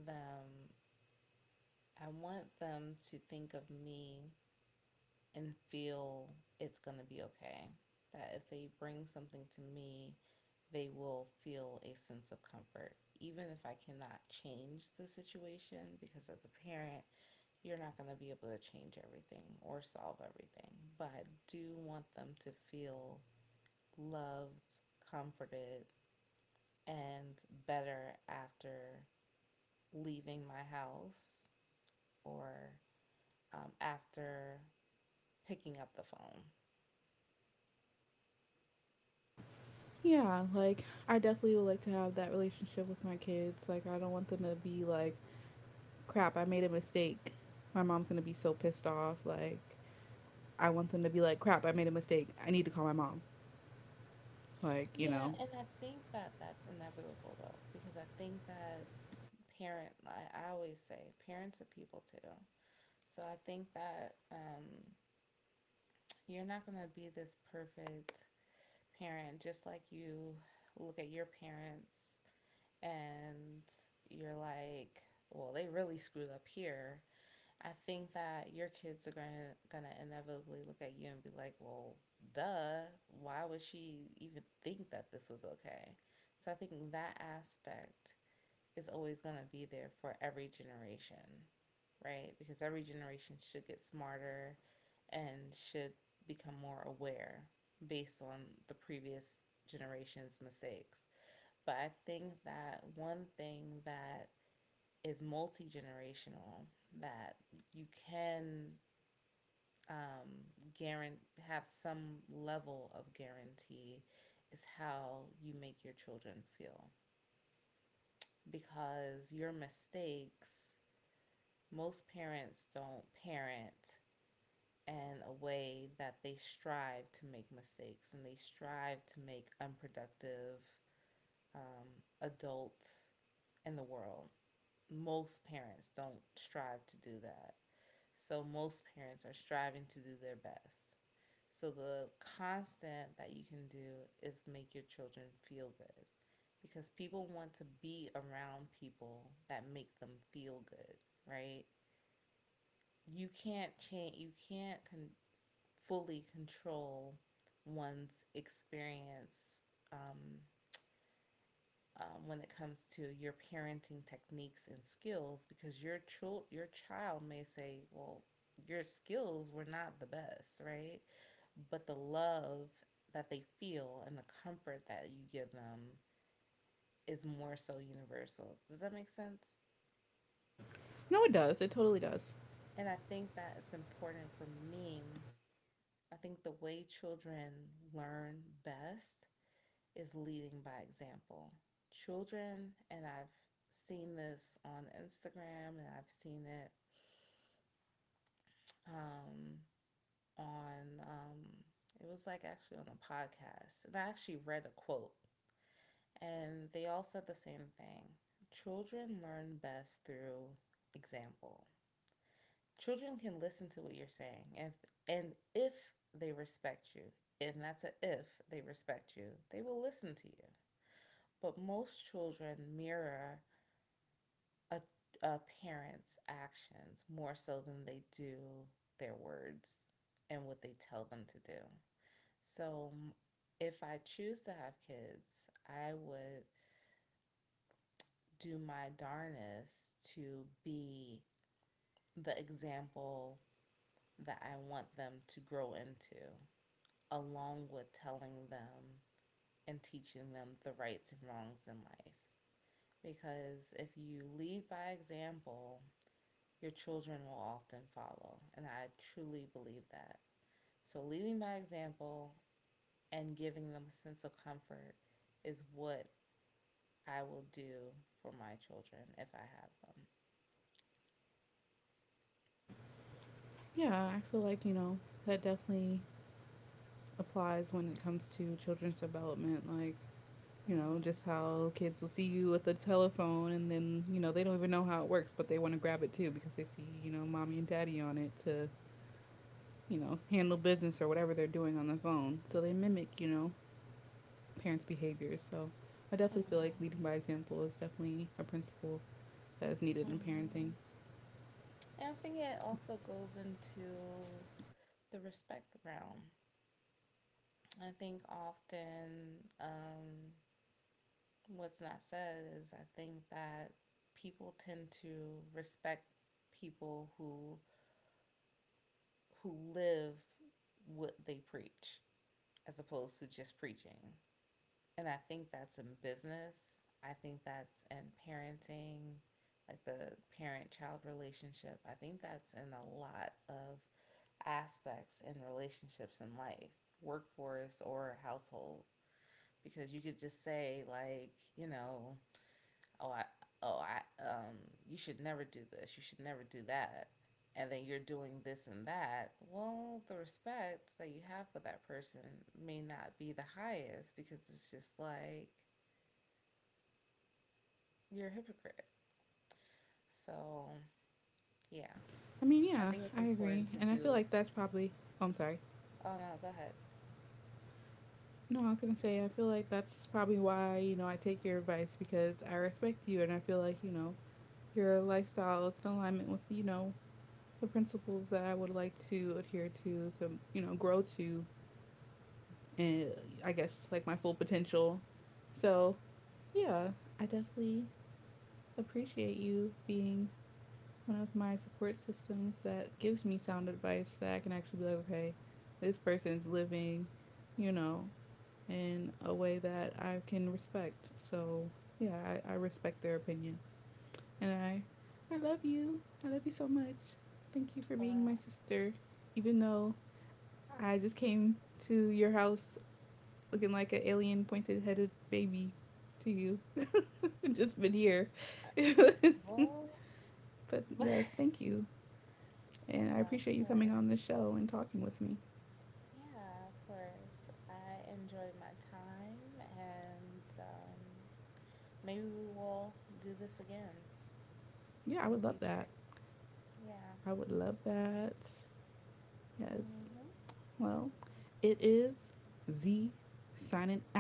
B: them I want them to think of me and feel it's going to be okay. That if they bring something to me, they will feel a sense of comfort. Even if I cannot change the situation, because as a parent, you're not going to be able to change everything or solve everything. But I do want them to feel loved, comforted, and better after leaving my house or um, after picking up the phone.
A: Yeah, like, I definitely would like to have that relationship with my kids. Like, I don't want them to be like, "Crap, I made a mistake, my mom's gonna be so pissed off." Like, I want them to be like, "Crap, I made a mistake, I need to call my mom like you know
B: Yeah, and I think that that's inevitable though, because I think that parent, I, I always say parents are people too. So I think that um, you're not going to be this perfect parent, just like you look at your parents and you're like, well, they really screwed up here. I think that your kids are gonna gonna inevitably look at you and be like, "Well, duh, why would she even think that this was okay?" So I think that aspect is always gonna be there for every generation, right? Because every generation should get smarter and should become more aware based on the previous generation's mistakes. But I think that one thing that is multi generational, that you can um, guarantee have some level of guarantee is how you make your children feel, because your mistakes, most parents don't parent in a way that they strive to make mistakes, and they strive to make unproductive um, adults in the world. Most parents don't strive to do that. So most parents are striving to do their best. So the constant that you can do is make your children feel good, because people want to be around people that make them feel good, right? You can't change you can't con- fully control one's experience um, um, when it comes to your parenting techniques and skills, because your child your child may say, well, your skills were not the best, right? But the love that they feel and the comfort that you give them is more so universal. Does that make sense?
A: no, it does. It totally does.
B: And I think that it's important for me. I think the way children learn best is leading by example. Children, and I've seen this on Instagram, and I've seen it um, on, um, it was like actually on a podcast. And I actually read a quote. And they all said the same thing: children learn best through example. Children can listen to what you're saying. If, and if they respect you, and that's a if they respect you, they will listen to you. But most children mirror a, a parent's actions more so than they do their words and what they tell them to do. So if I choose to have kids, I would do my darnest to be the example that I want them to grow into, along with telling them and teaching them the rights and wrongs in life. Because if you lead by example, your children will often follow. And I truly believe that. So, leading by example and giving them a sense of comfort is what I will do for my children if I have them.
A: Yeah, I feel like, you know, that definitely applies when it comes to children's development. Like, you know, just
B: Mm-hmm.
A: how kids will see you with a telephone, and then, you know, they don't even know how it works, but they want to grab it too because they see, you know, mommy and daddy on it to, you know, handle business or whatever they're doing on the phone. So they mimic, you know, parents' behaviors. So I definitely feel like
B: Mm-hmm.
A: leading by example is definitely a principle that is needed in parenting.
B: Mm-hmm. And I think it also goes into the respect realm. I think often um, what's not said is I think that people tend to respect people who who live what they preach as opposed to just preaching. And I think that's in business. I think that's in parenting, like the parent child relationship. I think that's in a lot of aspects and relationships in life, workforce or household, because you could just say, like, you know, oh I oh I um you should never do this, you should never do that. And then you're doing this and that. Well, the respect that you have for that person may not be the highest because it's just like you're a hypocrite. So, yeah.
A: I mean,
B: I
A: yeah,
B: think
A: I
B: it's
A: agree.
B: important
A: And
B: to
A: I feel like
B: do.
A: that's probably, oh, I'm sorry.
B: Oh no, go ahead.
A: No, I was gonna say I feel like that's probably why you know I take your advice, because I respect you, and I feel like you know your lifestyle is in alignment with you know the principles that I would like to adhere to to you know grow to, and I guess, like, my full potential. So yeah, I definitely appreciate you being one of my support systems that gives me sound advice, that I can actually be like, okay, this person's living, you know, in a way that I can respect. So yeah, I, I respect their opinion, and I I love you. I love you so much. Thank you for being my
B: Well,
A: sister, even though I just came to your house looking like an alien pointed headed baby to you. Just been here. But
B: well,
A: yes, thank you. And I
B: yeah,
A: appreciate
B: of
A: you coming on the
B: course.
A: show and talking with me.
B: Yeah, of course. I enjoyed my time, and um, maybe we will do this again
A: Yeah, I would
B: in the
A: love that.
B: future. Yeah.
A: I would love that. Yes.
B: Hmm.
A: Well, it is Z signing out.